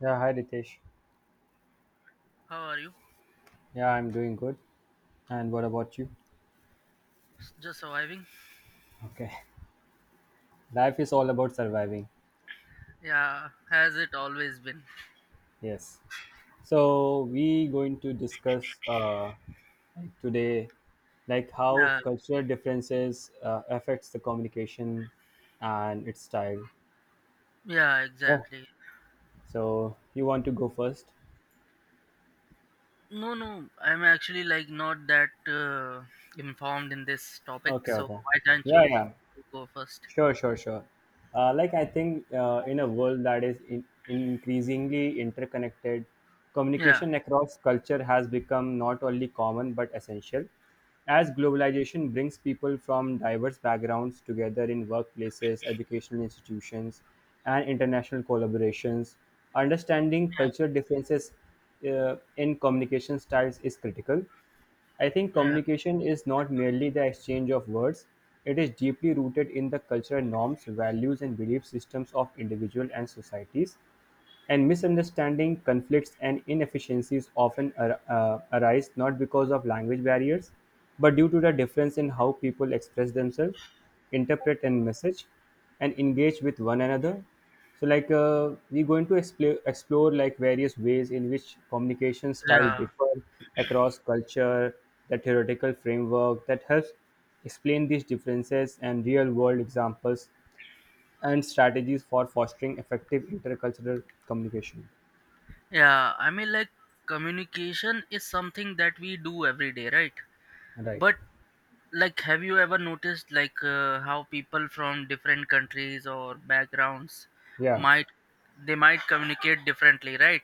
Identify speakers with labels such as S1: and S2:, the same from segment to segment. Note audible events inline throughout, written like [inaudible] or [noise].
S1: Yeah, hi Ritesh.
S2: How are you?
S1: Yeah, I'm doing good. And what about you?
S2: Just surviving?
S1: Okay. [laughs] Life is all about surviving.
S2: Yeah, has it always been?
S1: Yes. So we going to discuss like today, like how
S2: Yeah,
S1: cultural differences affects the communication and its style.
S2: yeah,
S1: Yeah.
S2: exactly.
S1: So you want to go first?
S2: No, no, I'm actually like not that informed in this topic,
S1: Okay.
S2: so
S1: Okay.
S2: why don't
S1: Yeah.
S2: you
S1: Yeah.
S2: go first?
S1: Sure, sure, sure. Like I think in a world that is increasingly interconnected,
S2: Yeah,
S1: communication across culture has become not only common but essential. As globalization brings people from diverse backgrounds together in workplaces, educational institutions, and international collaborations, understanding
S2: yeah,
S1: cultural differences in communication styles is critical. I think
S2: yeah,
S1: communication is not merely the exchange of words, it is deeply rooted in the cultural norms, values, and belief systems of individuals and societies. And misunderstanding, conflicts, and inefficiencies often arise not because of language barriers, but due to the difference in how people express themselves, interpret and message, and engage with one another. So, like, we're going to explore like various ways in which communication
S2: yeah.
S1: style differ across culture, the theoretical framework that helps explain these differences and real-world examples and strategies for fostering effective intercultural communication.
S2: Yeah. I mean, like, communication is something that we do every day, right?
S1: Right.
S2: But, like, have you ever noticed, like, how people from different countries or backgrounds
S1: Yeah.
S2: might they might communicate differently, right?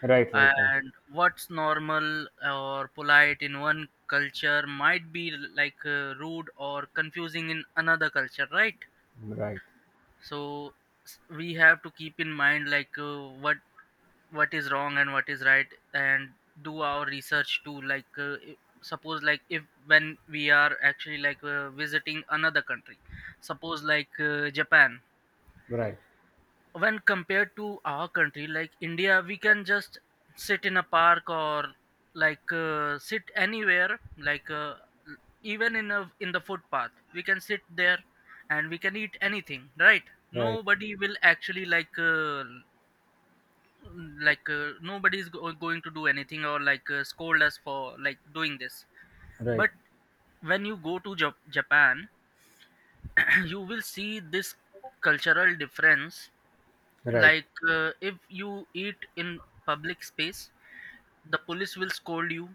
S1: Right. Right. Right.
S2: And what's normal or polite in one culture might be like rude or confusing in another culture, right?
S1: Right.
S2: So we have to keep in mind like what is wrong and what is right, and do our research too, like suppose like if when we are actually like visiting another country. Suppose like Japan,
S1: Right.
S2: when compared to our country like India, we can just sit in a park or like sit anywhere, like l- even in the footpath we can sit there and we can eat anything, right?
S1: Right.
S2: Nobody will actually nobody is going to do anything or like scold us for like doing this.
S1: Right.
S2: But when you go to Japan, [clears throat] you will see this cultural difference.
S1: Right.
S2: Like if you eat in public space, the police will scold you,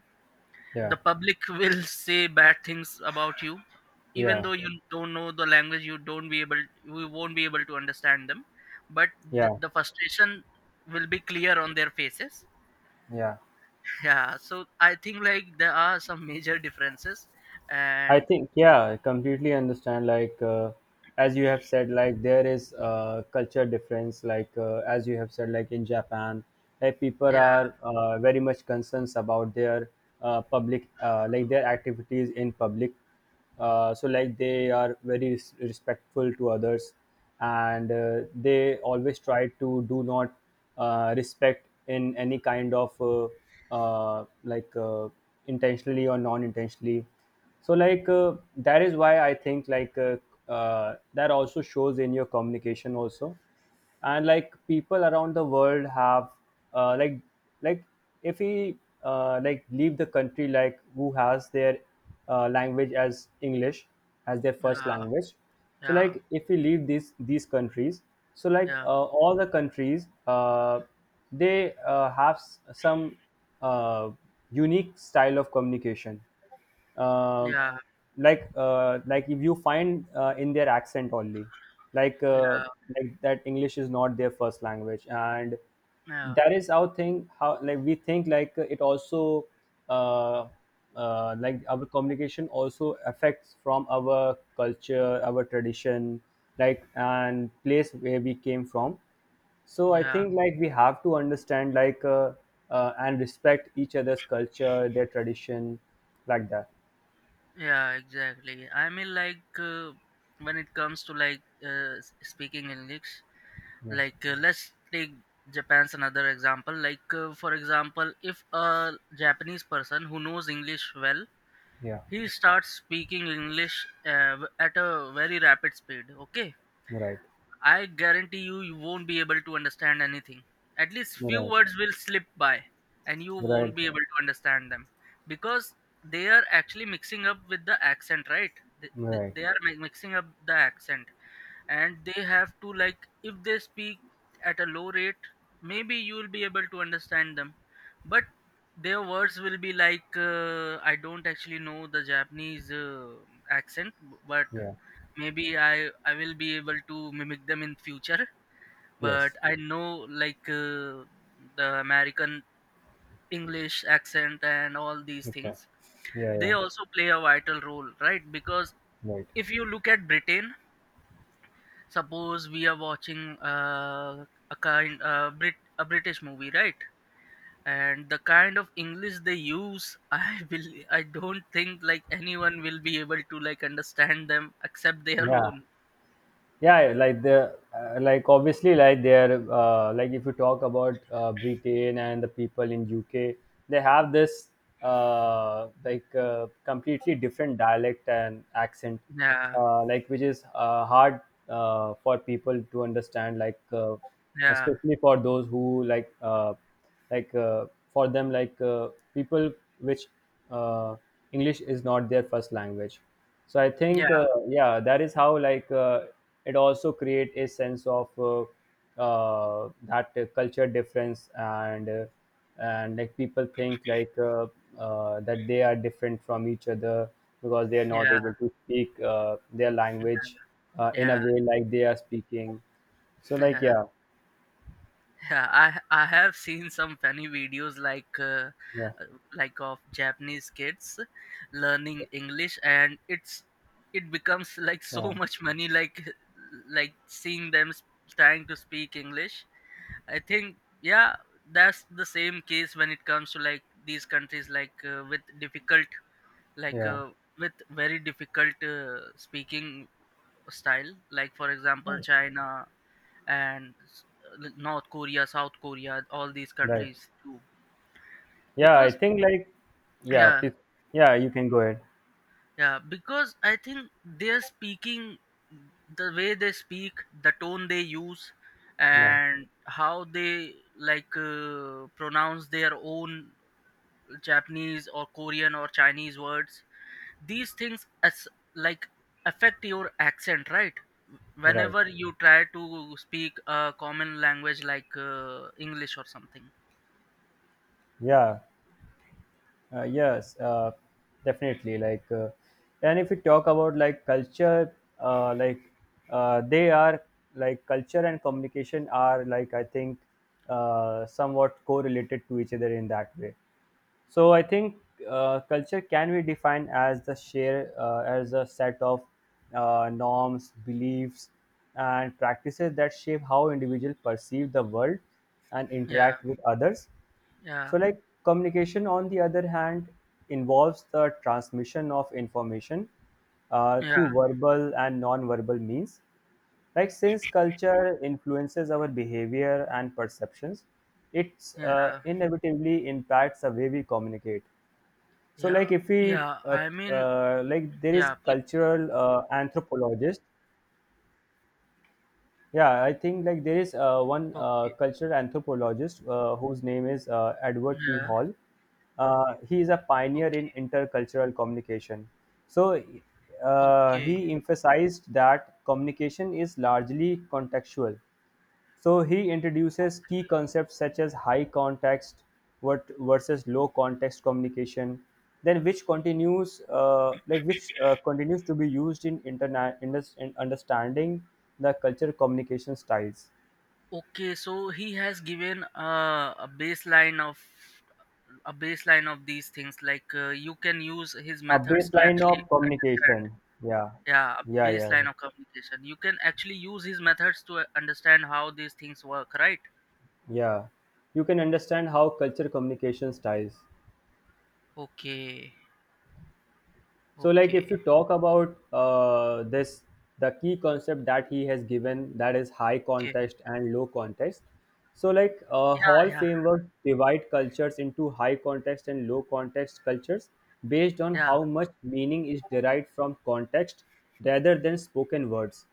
S1: Yeah.
S2: the public will [laughs] say bad things about you. Even
S1: Yeah.
S2: though you don't know the language, you don't be able you won't be able to understand them, but th-
S1: Yeah.
S2: the frustration will be clear on their faces.
S1: Yeah.
S2: Yeah, so I think like there are some major differences,
S1: I
S2: and
S1: think, yeah, I completely understand. Like, as you have said, like, there is a culture difference. Like, as you have said, like, in Japan, like, people
S2: yeah,
S1: are very much concerns about their public, like, their activities in public so like they are very respectful to others, and they always try to do not respect in any kind of like intentionally or non-intentionally. So like that is why I think like that also shows in your communication also. And like people around the world have like like if we like leave the country like who has their language as English as their first
S2: yeah,
S1: language. So
S2: yeah,
S1: like if we leave these countries, so like
S2: yeah,
S1: all the countries they have some uh, unique style of communication, uh,
S2: yeah,
S1: like if you find in their accent only, like uh,
S2: yeah,
S1: like that English is not their first language. And
S2: yeah,
S1: that is our thing how like we think, like it also uh, like our communication also affects from our culture, our tradition, like and place where we came from. So I
S2: yeah.
S1: think like we have to understand like and respect each other's culture, their tradition, like that.
S2: Yeah, exactly. I mean, like when it comes to like speaking English,
S1: Yeah,
S2: like let's take Japan's another example. Like for example, if a Japanese person who knows English well,
S1: yeah,
S2: he starts speaking English at a very rapid speed. Okay,
S1: right,
S2: I guarantee you, you won't be able to understand anything. At least few
S1: right,
S2: words will slip by, and you won't
S1: right,
S2: be able to understand them because they are actually mixing up with the accent, right? They, they,
S1: right.
S2: they are mixing up the accent, and they have to like if they speak at a low rate, maybe you will be able to understand them, but their words will be like I don't actually know the Japanese accent. But
S1: Yeah,
S2: maybe I will be able to mimic them in future. But
S1: yes,
S2: I know like the American English accent and all these
S1: okay.
S2: things,
S1: Yeah,
S2: they
S1: yeah,
S2: also play a vital role, right? Because
S1: right.
S2: if you look at Britain, suppose we are watching uh, a British movie, right? And the kind of English they use, I [laughs] will I don't think like anyone will be able to like understand them except their
S1: Yeah,
S2: own.
S1: yeah, yeah, like the like obviously like they're like if you talk about Britain and the people in UK, they have this like completely different dialect and accent,
S2: Yeah,
S1: like which is hard for people to understand, like
S2: yeah,
S1: especially for those who like for them like people which uh, English is not their first language. So I
S2: yeah,
S1: think yeah, that is how like it also create a sense of that culture difference, and like people think like that they are different from each other because they are not
S2: yeah.
S1: able to speak their language in a
S2: Yeah,
S1: way like they are speaking, so
S2: [laughs]
S1: like
S2: yeah,
S1: yeah.
S2: yeah. I have seen some funny videos,
S1: Yeah.
S2: uh, like of Japanese kids learning English, and it becomes like so
S1: Oh,
S2: [laughs] much money. Like seeing them trying to speak English. I think, yeah, that's the same case when it comes to like these countries like like
S1: yeah.
S2: uh, with very difficult speaking style. Like for example, China, and North Korea, South Korea, all these
S1: Right.
S2: countries too.
S1: Yeah, I
S2: Because
S1: think like yeah,
S2: Yeah,
S1: please. Yeah, you can go ahead.
S2: yeah, because I think they're speaking the way they speak, the tone they use,
S1: Yeah.
S2: and how they like pronounce their own Japanese or Korean or Chinese words. These things as like affect your accent, right?
S1: Right.
S2: Whenever you try to speak a common language like English or something.
S1: Yeah. Yes, definitely. Like, and if we talk about like culture, like they are, like culture and communication are, like I think somewhat correlated to each other in that way. So I think culture can be defined as the share as a set of norms, beliefs, and practices that shape how individuals perceive the world and
S2: Yeah.
S1: interact with others.
S2: Yeah,
S1: So like communication on the other hand involves the transmission of information
S2: yeah,
S1: through verbal and non-verbal means. Like since culture influences our behavior and perceptions, it's
S2: yeah,
S1: inevitably impacts the way we communicate. So
S2: yeah,
S1: like if we
S2: yeah. I mean,
S1: like there is
S2: yeah,
S1: cultural anthropologist. Yeah, I think like there is one
S2: okay,
S1: cultural anthropologist whose name is Edward T.
S2: yeah,
S1: Hall. He is a pioneer
S2: okay,
S1: in intercultural communication. So
S2: okay,
S1: he emphasized that communication is largely contextual. So he introduces key concepts such as high context what versus low context communication, then which continues like which continues to be used in in understanding the culture communication styles.
S2: okay. So he has given a baseline of these things. Like you can use his
S1: A
S2: methods to
S1: baseline
S2: actually
S1: of
S2: understand.
S1: communication. Yeah,
S2: Yeah, a
S1: yeah, yeah, yeah.
S2: baseline of communication. You can actually use his methods to understand how these things work, right?
S1: Yeah. You can understand how culture communication styles.
S2: Okay,
S1: So, like if
S2: okay,
S1: you talk about this, the key concept that he has given, that is high
S2: okay.
S1: context and low context. So, like
S2: Yeah,
S1: Hall
S2: yeah,
S1: framework divide cultures into high context and low context cultures based on
S2: yeah.
S1: how much meaning is derived from context rather than spoken words.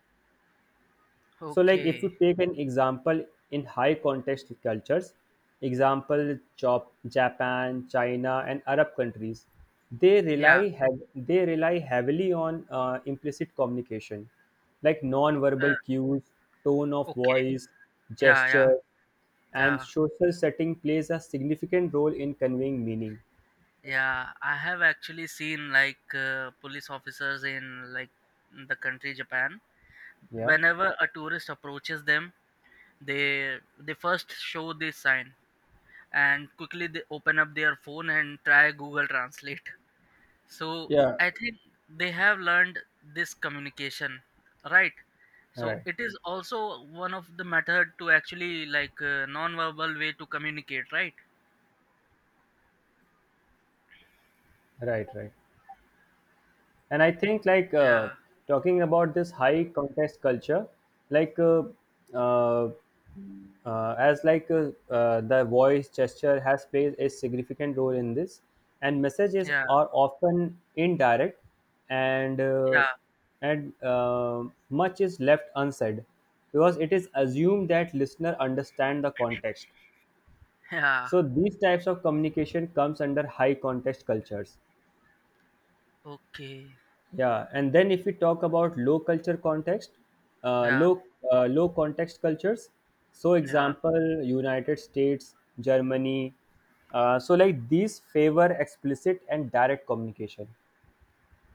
S1: So, like if
S2: Okay,
S1: you take an example, in high context cultures, example chop, Japan, China, and Arab countries,
S2: yeah.
S1: they rely heavily on implicit communication, like
S2: Uh,
S1: non-verbal cues, tone of
S2: okay,
S1: voice,
S2: yeah,
S1: gesture,
S2: yeah.
S1: and
S2: Yeah,
S1: social setting plays a significant role in conveying meaning.
S2: yeah. I have actually seen like police officers in like the country Japan.
S1: Yeah.
S2: Whenever a tourist approaches them, they first show this sign and quickly they open up their phone and try Google Translate. So
S1: Yeah.
S2: I think they have learned this communication, right? So
S1: Right.
S2: it is also one of the method to actually like non-verbal way to communicate, right?
S1: Right. Right. And I think like
S2: Yeah,
S1: talking about this high context culture, like uh, as like the voice gesture has played a significant role in this, and messages
S2: yeah,
S1: are often indirect, and
S2: yeah,
S1: uh, and much is left unsaid because it is assumed that listener understand the context,
S2: [laughs] yeah.
S1: so these types of communication comes under high context cultures.
S2: Okay.
S1: Yeah, and then if we talk about low culture context,
S2: Yeah,
S1: low low context cultures. So,
S2: yeah,
S1: example, United States, Germany. So, like these favor explicit and direct communication.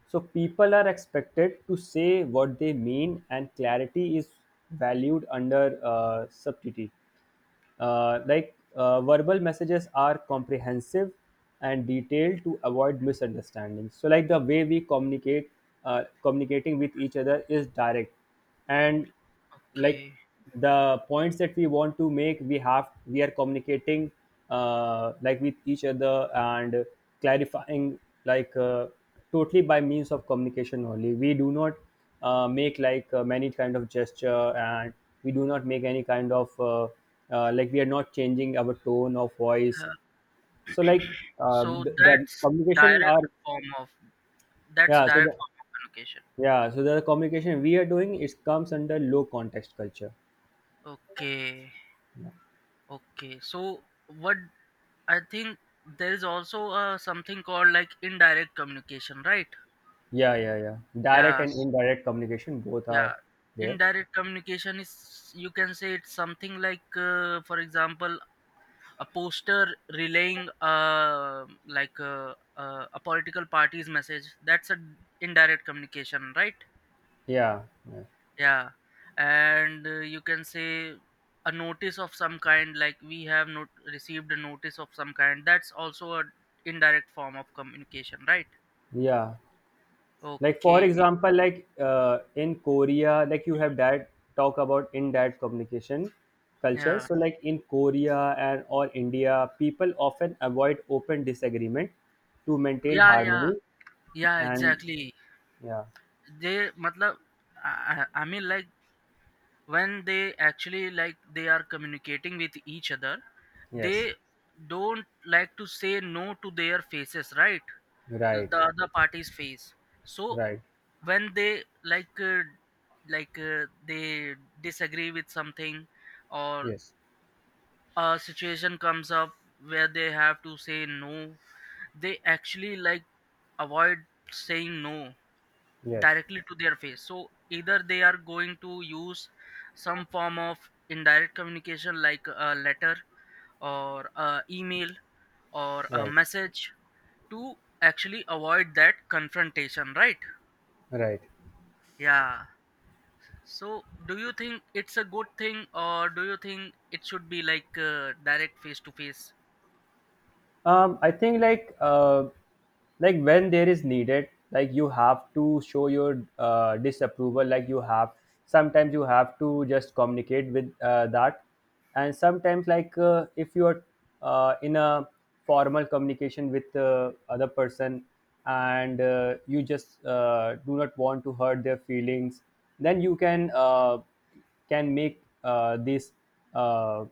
S1: So, people are expected to say what they mean, and clarity is valued under subtlety. Like verbal messages are comprehensive and detailed to avoid misunderstandings. So, like the way we communicating with each other is direct, and like
S2: okay.
S1: the points that we want to make, we are communicating like with each other and clarifying like totally by means of communication only. We do not make like many kind of gesture, and we do not make any kind of like we are not changing our tone of voice.
S2: Yeah.
S1: So like
S2: So
S1: the
S2: that's
S1: communication
S2: direct
S1: are.
S2: form of
S1: Yeah, so the,
S2: communication.
S1: yeah so the communication we are doing, it comes under low context culture.
S2: Okay,
S1: Yeah,
S2: okay. So what I think, there is also something called like indirect communication, right?
S1: yeah, yeah, yeah. Direct and
S2: Yes,
S1: indirect communication, both
S2: yeah.
S1: are there.
S2: Indirect communication is, you can say, it's something like, for example, a poster relaying a political party's message. That's a indirect communication, right?
S1: Yeah, yeah,
S2: Yeah, and you can say a notice of some kind, like we have not received a notice of some kind. That's also a indirect form of communication, right?
S1: yeah. Like for
S2: Okay.
S1: example, like in Korea, like you have that talk about in that communication culture.
S2: Yeah.
S1: So like in Korea and or India, people often avoid open disagreement to maintain
S2: Yeah. Yeah.
S1: harmony,
S2: Yeah.
S1: and
S2: Exactly.
S1: yeah.
S2: They, matlab, I mean, like when they actually like they are communicating with each other,
S1: Yes.
S2: they don't like to say no to their faces, right?
S1: Right.
S2: The other party's face. So
S1: Right.
S2: when they like they disagree with something, or
S1: Yes.
S2: a situation comes up where they have to say no, they actually like avoid saying no
S1: Yes.
S2: directly to their face. So either they are going to use some form of indirect communication, like a letter or a email or a
S1: Right.
S2: message, to actually avoid that confrontation, right?
S1: Right.
S2: Yeah. So, do you think it's a good thing, or do you think it should be like direct face to face?
S1: I think like when there is needed, like you have to show your disapproval. Like you have sometimes you have to just communicate with that, and sometimes like if you are in a formal communication with the other person, and you just do not want to hurt their feelings, then you can make this uh,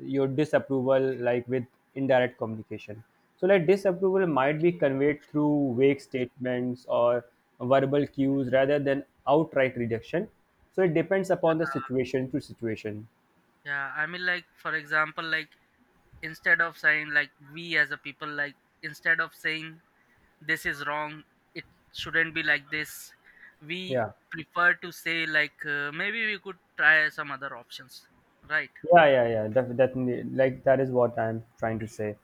S1: your disapproval like with indirect communication. So like disapproval might be conveyed through vague statements or verbal cues rather than outright rejection, so it depends upon the situation to situation.
S2: Yeah, I mean, like for example, like instead of saying like, we as a people, like instead of saying this is wrong, it shouldn't be like this. We
S1: Yeah,
S2: prefer to say like maybe we could try some other options, right?
S1: yeah, yeah, yeah, definitely, like that is what I'm trying to say.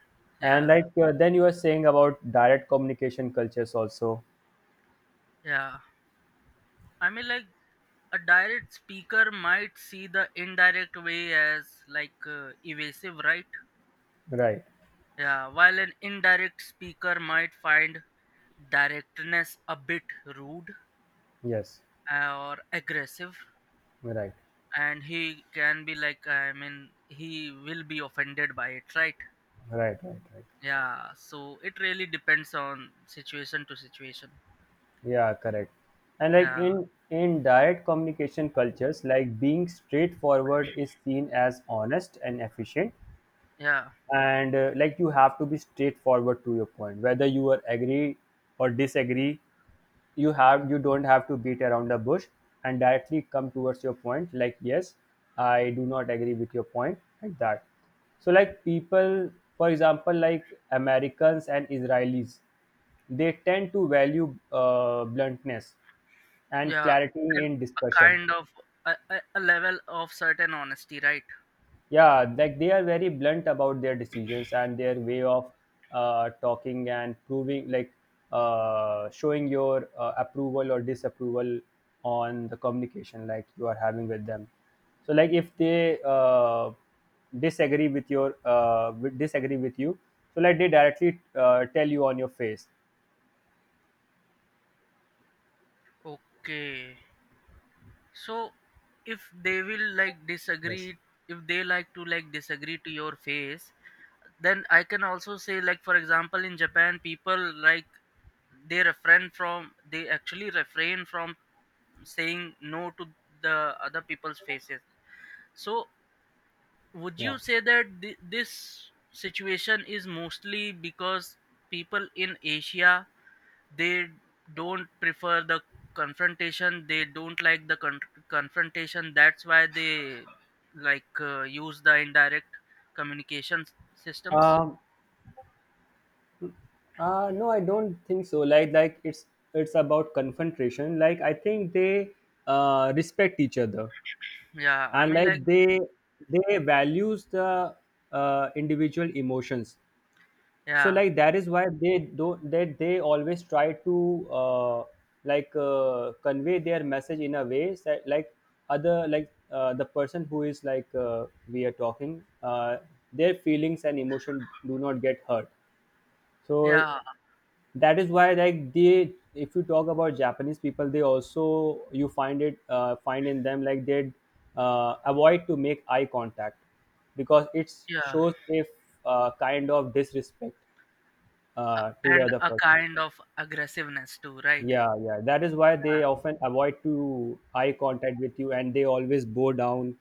S1: And
S2: Yeah,
S1: like then you are saying about direct communication cultures also.
S2: yeah. I mean, like a direct speaker might see the indirect way as like evasive, right?
S1: Right.
S2: Yeah, while an indirect speaker might find directness a bit rude
S1: Yes.
S2: or aggressive,
S1: Right. Right.
S2: and he can be like, I mean, he will be offended by it, right?
S1: Right. Right.
S2: Yeah, so it really depends on situation to situation.
S1: Yeah, correct. And like
S2: Yeah,
S1: in direct communication cultures, like being straightforward is seen as honest and efficient,
S2: yeah,
S1: and like you have to be straightforward to your point whether you are agree or disagree. You have you don't have to beat around the bush and directly come towards your point, like yes, I do not agree with your point, like that. So like people, for example like Americans and Israelis, they tend to value bluntness and
S2: yeah,
S1: clarity
S2: and
S1: in
S2: a
S1: discussion.
S2: kind of a level of certain honesty, right?
S1: Yeah, like they are very blunt about their decisions and their way of talking and proving, like showing your approval or disapproval on the communication like you are having with them. So like if they disagree with your disagree with you, so like they directly tell you on your face.
S2: Okay, so if they will like
S1: Yes.
S2: disagree, if they like to like disagree to your face, then I can also say, like for example, in Japan, people like they refrain from they actually refrain from saying no to the other people's faces. So would you
S1: Yeah.
S2: say that this situation is mostly because people in Asia, they don't prefer the confrontation, they don't like the confrontation, that's why they like use the indirect communication systems.
S1: um, no, I don't think so. Like, it's about confrontation. Like, I think they respect each other,
S2: Yeah, I
S1: and
S2: mean, like.
S1: like they values the individual emotions. So,
S2: Yeah,
S1: like that is why they don't that they always try to convey their message in a way that like other like the person who is like we are talking, their feelings and emotion do not get hurt. So
S2: yeah,
S1: that is why they, if you talk about japanese people, they also you find it find in them like they avoid to make eye contact because it
S2: yeah.
S1: shows if kind of disrespect to the
S2: And
S1: other
S2: a
S1: person.
S2: kind of aggressiveness too, right?
S1: Yeah, yeah, that is why
S2: Uh,
S1: they often avoid to eye contact with you and they always bow down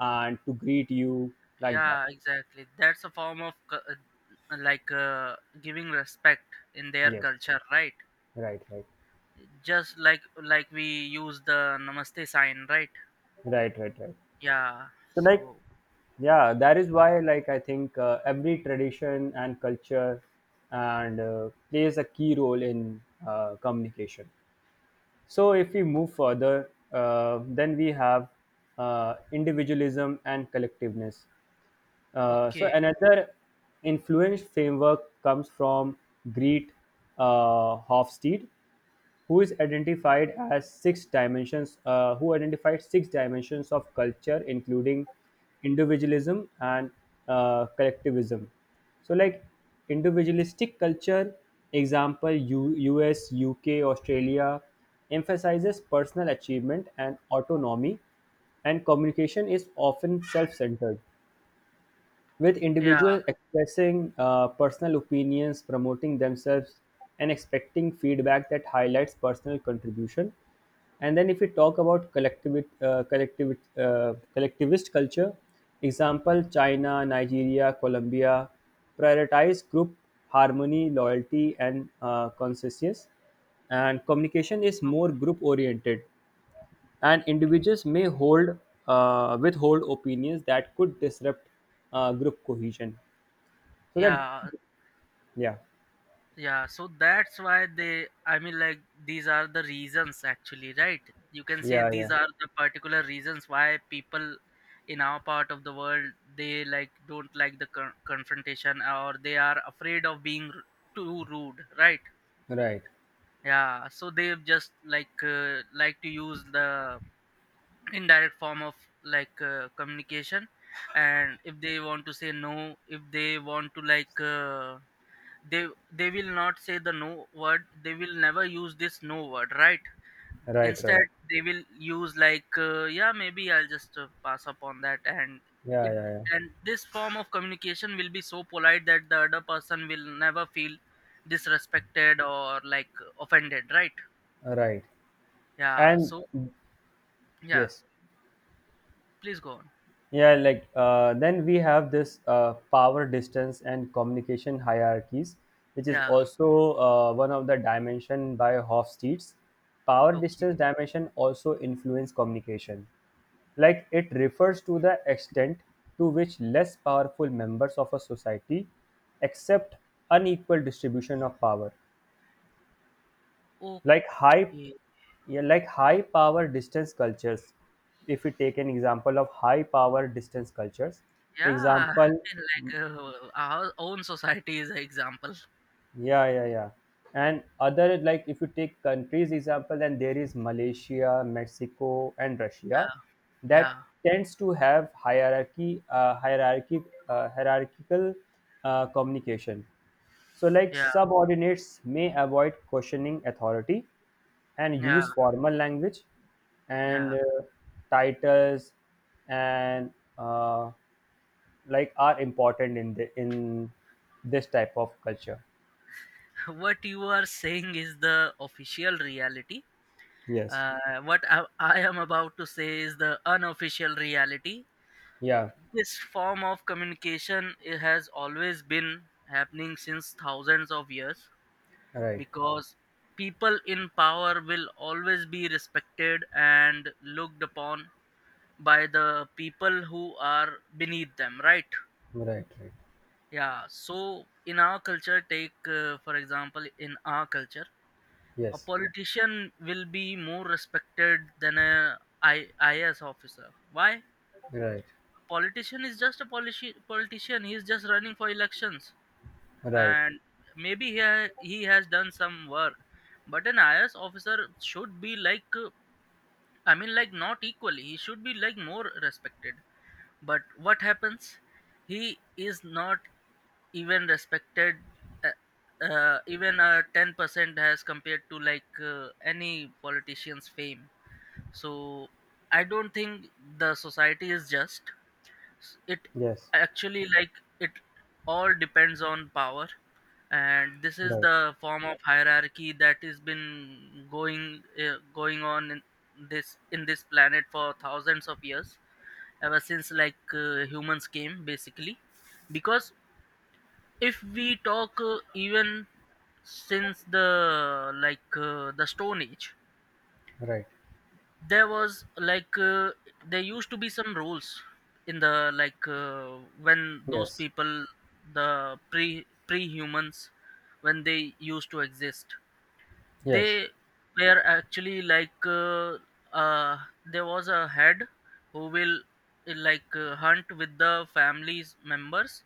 S1: and to greet you like that.
S2: yeah, exactly. That's a form of giving respect in their
S1: Yes.
S2: culture, right?
S1: right right
S2: Just like we use the namaste sign, right?
S1: right right right
S2: Yeah.
S1: So like,
S2: So
S1: yeah, that is why I think every tradition and culture and plays a key role in communication. So if we move further, then we have individualism and collectiveness. So
S2: okay.
S1: another influence framework comes from Greet Hofstede, who identified six dimensions of culture, including individualism and collectivism. So, like individualistic culture, example U.S., U.K., Australia, emphasizes personal achievement and autonomy, and communication is often self-centered, with
S2: Yeah.
S1: individuals expressing personal opinions, promoting themselves, and expecting feedback that highlights personal contribution. And then, if we talk about collectivist culture, example China, Nigeria, Colombia, prioritize group harmony, loyalty, and consensus. And communication is more
S2: Okay.
S1: group oriented, and individuals may hold withhold opinions that could disrupt group cohesion. So that,
S2: Yeah.
S1: yeah,
S2: Yeah, so that's why they, I mean, like, these are the reasons actually, right? You can say
S1: yeah,
S2: these
S1: yeah,
S2: are the particular reasons why people in our part of the world, they like don't like the confrontation, or they are afraid of being too rude, right?
S1: right,
S2: Yeah, so they just like to use the indirect form of like communication. And if they want to say no, if they want to like. They will not say the no word, they will never use this no word, right?
S1: right, right,
S2: Instead, they will use like yeah, maybe I'll just pass up on that, and it
S1: yeah, yeah, yeah,
S2: and this form of communication will be so polite that the other person will never feel disrespected or like offended, right?
S1: right,
S2: Yeah.
S1: and
S2: So yeah,
S1: yes.
S2: please go on.
S1: Yeah, then we have this power distance and communication hierarchies, which is
S2: Yeah,
S1: also one of the dimension by Hofstede's. Power
S2: okay,
S1: distance dimension also influence communication. Like it refers to the extent to which less powerful members of a society accept unequal distribution of power, like high,
S2: okay,
S1: yeah, like high power distance cultures, if we take an example of high power distance cultures,
S2: yeah,
S1: example.
S2: [laughs] like our own society is an example.
S1: Yeah, yeah, yeah. And other, like if you take countries example, then there is Malaysia, Mexico, and Russia
S2: Yeah,
S1: that
S2: yeah,
S1: tends to have hierarchical communication. So like
S2: yeah,
S1: subordinates may avoid questioning authority and
S2: yeah,
S1: use formal language and
S2: yeah.
S1: titles and uh, like are important in the in this type of culture.
S2: So, what you are saying is the official reality.
S1: Yes.
S2: Uh, what I am about to say is the unofficial reality.
S1: Yeah,
S2: This form of communication, it has always been happening since thousands of years,
S1: right,
S2: because people in power will always be respected and looked upon by the people who are beneath them, right?
S1: right, right.
S2: Yeah, so in our culture, take for example, in our culture a
S1: Yes,
S2: politician will be more respected than a IAS officer. Why?
S1: right,
S2: Politician is just a politician. He is just running for elections,
S1: right.
S2: and maybe he has done some work, but an IAS officer should be like I mean, like not equally. He should be like more respected. But what happens? He is not even respected. Even a 10% as compared to like any politician's fame. So I don't think the society is just, it
S1: Yes,
S2: actually, like it all depends on power. And this is
S1: right,
S2: the form of hierarchy that has been going on in this planet for thousands of years, ever since like humans came basically. Because if we talk even since the stone age,
S1: right.
S2: there was like there used to be some rules in the, like when those
S1: Yes,
S2: people, the pre humans, when they used to exist,
S1: yes,
S2: they were actually uh, there was a head who will hunt with the family's members,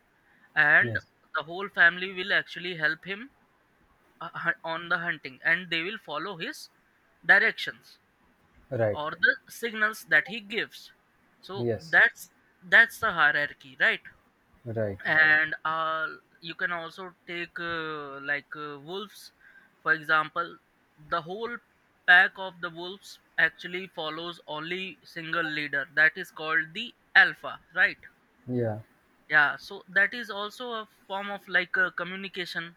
S2: and
S1: yes,
S2: the whole family will actually help him on the hunting, and they will follow his directions
S1: right.
S2: or the signals that he gives. So
S1: Yes,
S2: that's that's the hierarchy, right?
S1: right.
S2: And you can also take wolves, for example. The whole pack of the wolves actually follows only single leader, that is called the alpha, right?
S1: Yeah.
S2: Yeah, so that is also a form of like a communication,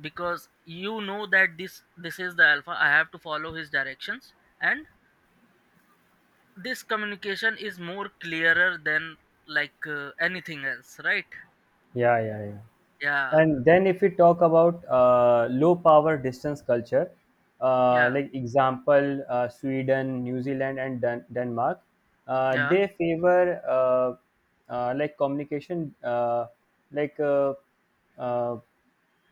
S2: because you know that this is the alpha, I have to follow his directions, and this communication is more clearer than like anything else, right?
S1: Yeah, yeah, yeah.
S2: Yeah,
S1: And then if we talk about low power distance culture,
S2: yeah,
S1: like example Sweden, New Zealand, and Denmark,
S2: yeah.
S1: they favor like communication, like uh, uh,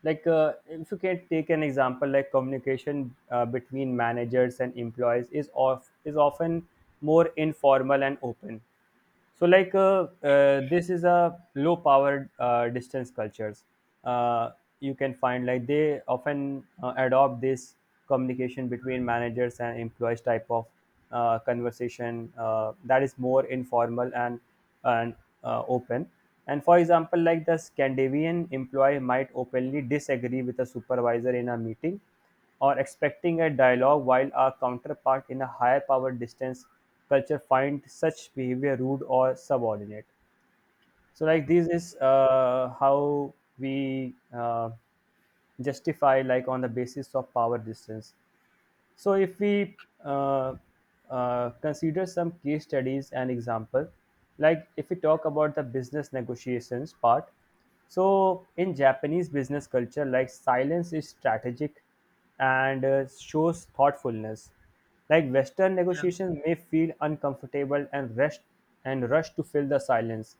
S1: like if you can take an example, like communication between managers and employees is often more informal and open. So, like, this is a low powered distance cultures. Uh, you can find like they often adopt this communication between managers and employees type of conversation that is more informal and open. And for example, like the Scandinavian employee might openly disagree with a supervisor in a meeting, or expecting a dialogue, while our counterpart in a higher power distance culture find such behavior rude or subordinate. So
S2: Oh,
S1: like this is how we justify like on the basis of power distance. So, if we uh, consider some case studies and example, like if we talk about the business negotiations part, so in Japanese business culture, like silence is strategic and shows thoughtfulness. Like Western
S2: yeah,
S1: negotiations may feel uncomfortable and rush to fill the silence,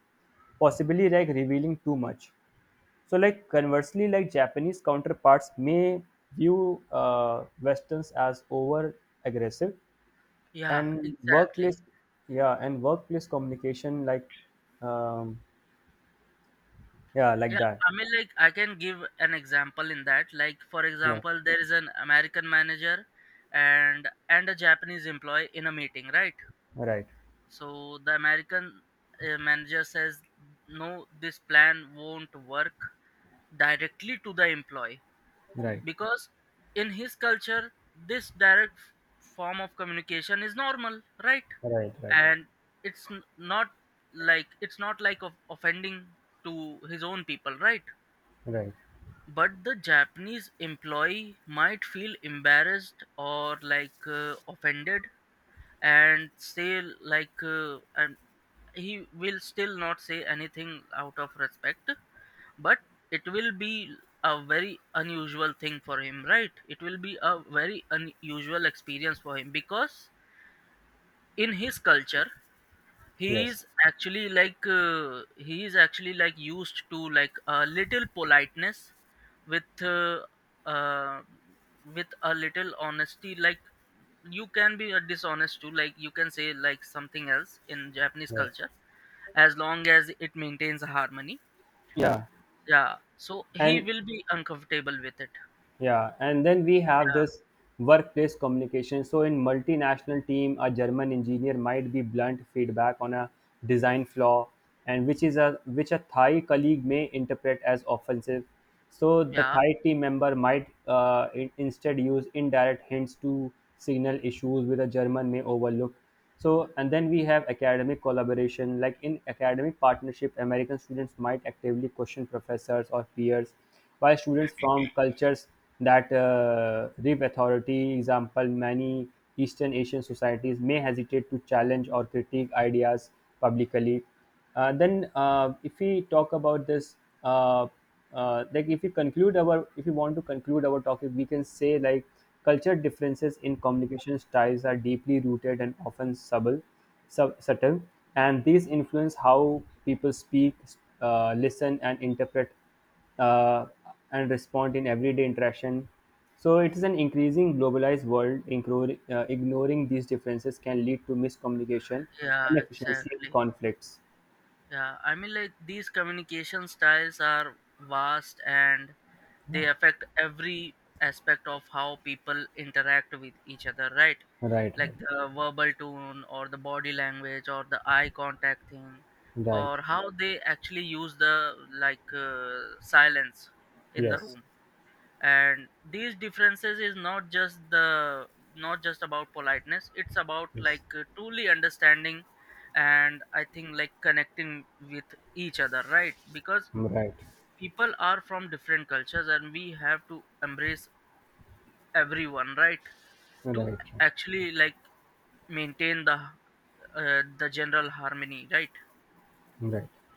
S1: possibly like revealing too much. So, like conversely, like Japanese counterparts may view Westerns as over aggressive,
S2: yeah,
S1: and
S2: exactly,
S1: workplace, yeah, and workplace communication, like, um, yeah, like
S2: yeah.
S1: that.
S2: I mean, like I can give an example in that, like for
S1: Yeah,
S2: example, there is an American manager, and a Japanese employee in a meeting, right?
S1: right,
S2: So the American manager says, no, this plan won't work, directly to the employee,
S1: right,
S2: because in his culture this direct form of communication is normal, right?
S1: right, right,
S2: And it's not like, it's not like of offending to his own people, right?
S1: right.
S2: But the Japanese employee might feel embarrassed or like offended, and say like and he will still not say anything out of respect. But it will be a very unusual thing for him, right? It will be a very unusual experience for him, because in his culture
S1: Yes,
S2: he is actually like used to like a little politeness, with uh, uh, with a little honesty. Like you can be dishonest too, like you can say like something else in Japanese
S1: yes,
S2: culture as long as it maintains harmony.
S1: yeah,
S2: Yeah, so he
S1: and.
S2: will be uncomfortable with it.
S1: Yeah, and then we have this
S2: Yeah,
S1: workplace communication. So in multinational team, a German engineer might be blunt feedback on a design flaw, and which is a which a Thai colleague may interpret as offensive. So the
S2: yeah,
S1: Thai team member might instead use indirect hints to signal issues with a German may overlook. So and then we have academic collaboration. Like in academic partnership, American students might actively question professors or peers by students from cultures that rip authority. Example: many Eastern Asian societies may hesitate to challenge or critique ideas publicly. If we talk about this, uh, like if we want to conclude our topic, we can say like culture differences in communication styles are deeply rooted and often subtle, and these influence how people speak, listen, and interpret uh, and respond in everyday interaction. So it is an increasing globalized world. Ignoring these differences can lead to miscommunication,
S2: yeah,
S1: inefficiency, and
S2: exactly.
S1: conflicts.
S2: Yeah, I mean, like these communication styles are vast and they affect every aspect of how people interact with each other, right?
S1: Right,
S2: Like
S1: right,
S2: the verbal tone, or the body language, or the eye contact thing,
S1: right.
S2: or how they actually use the like silence in the
S1: Yes,
S2: room. And these differences is not just about politeness, it's about
S1: yes.
S2: like truly understanding, and I think like connecting with each other, right? Because
S1: Right,
S2: people are from different cultures and we have to embrace everyone, right?
S1: right,
S2: To
S1: right.
S2: actually like maintain the general harmony, right?
S1: Right.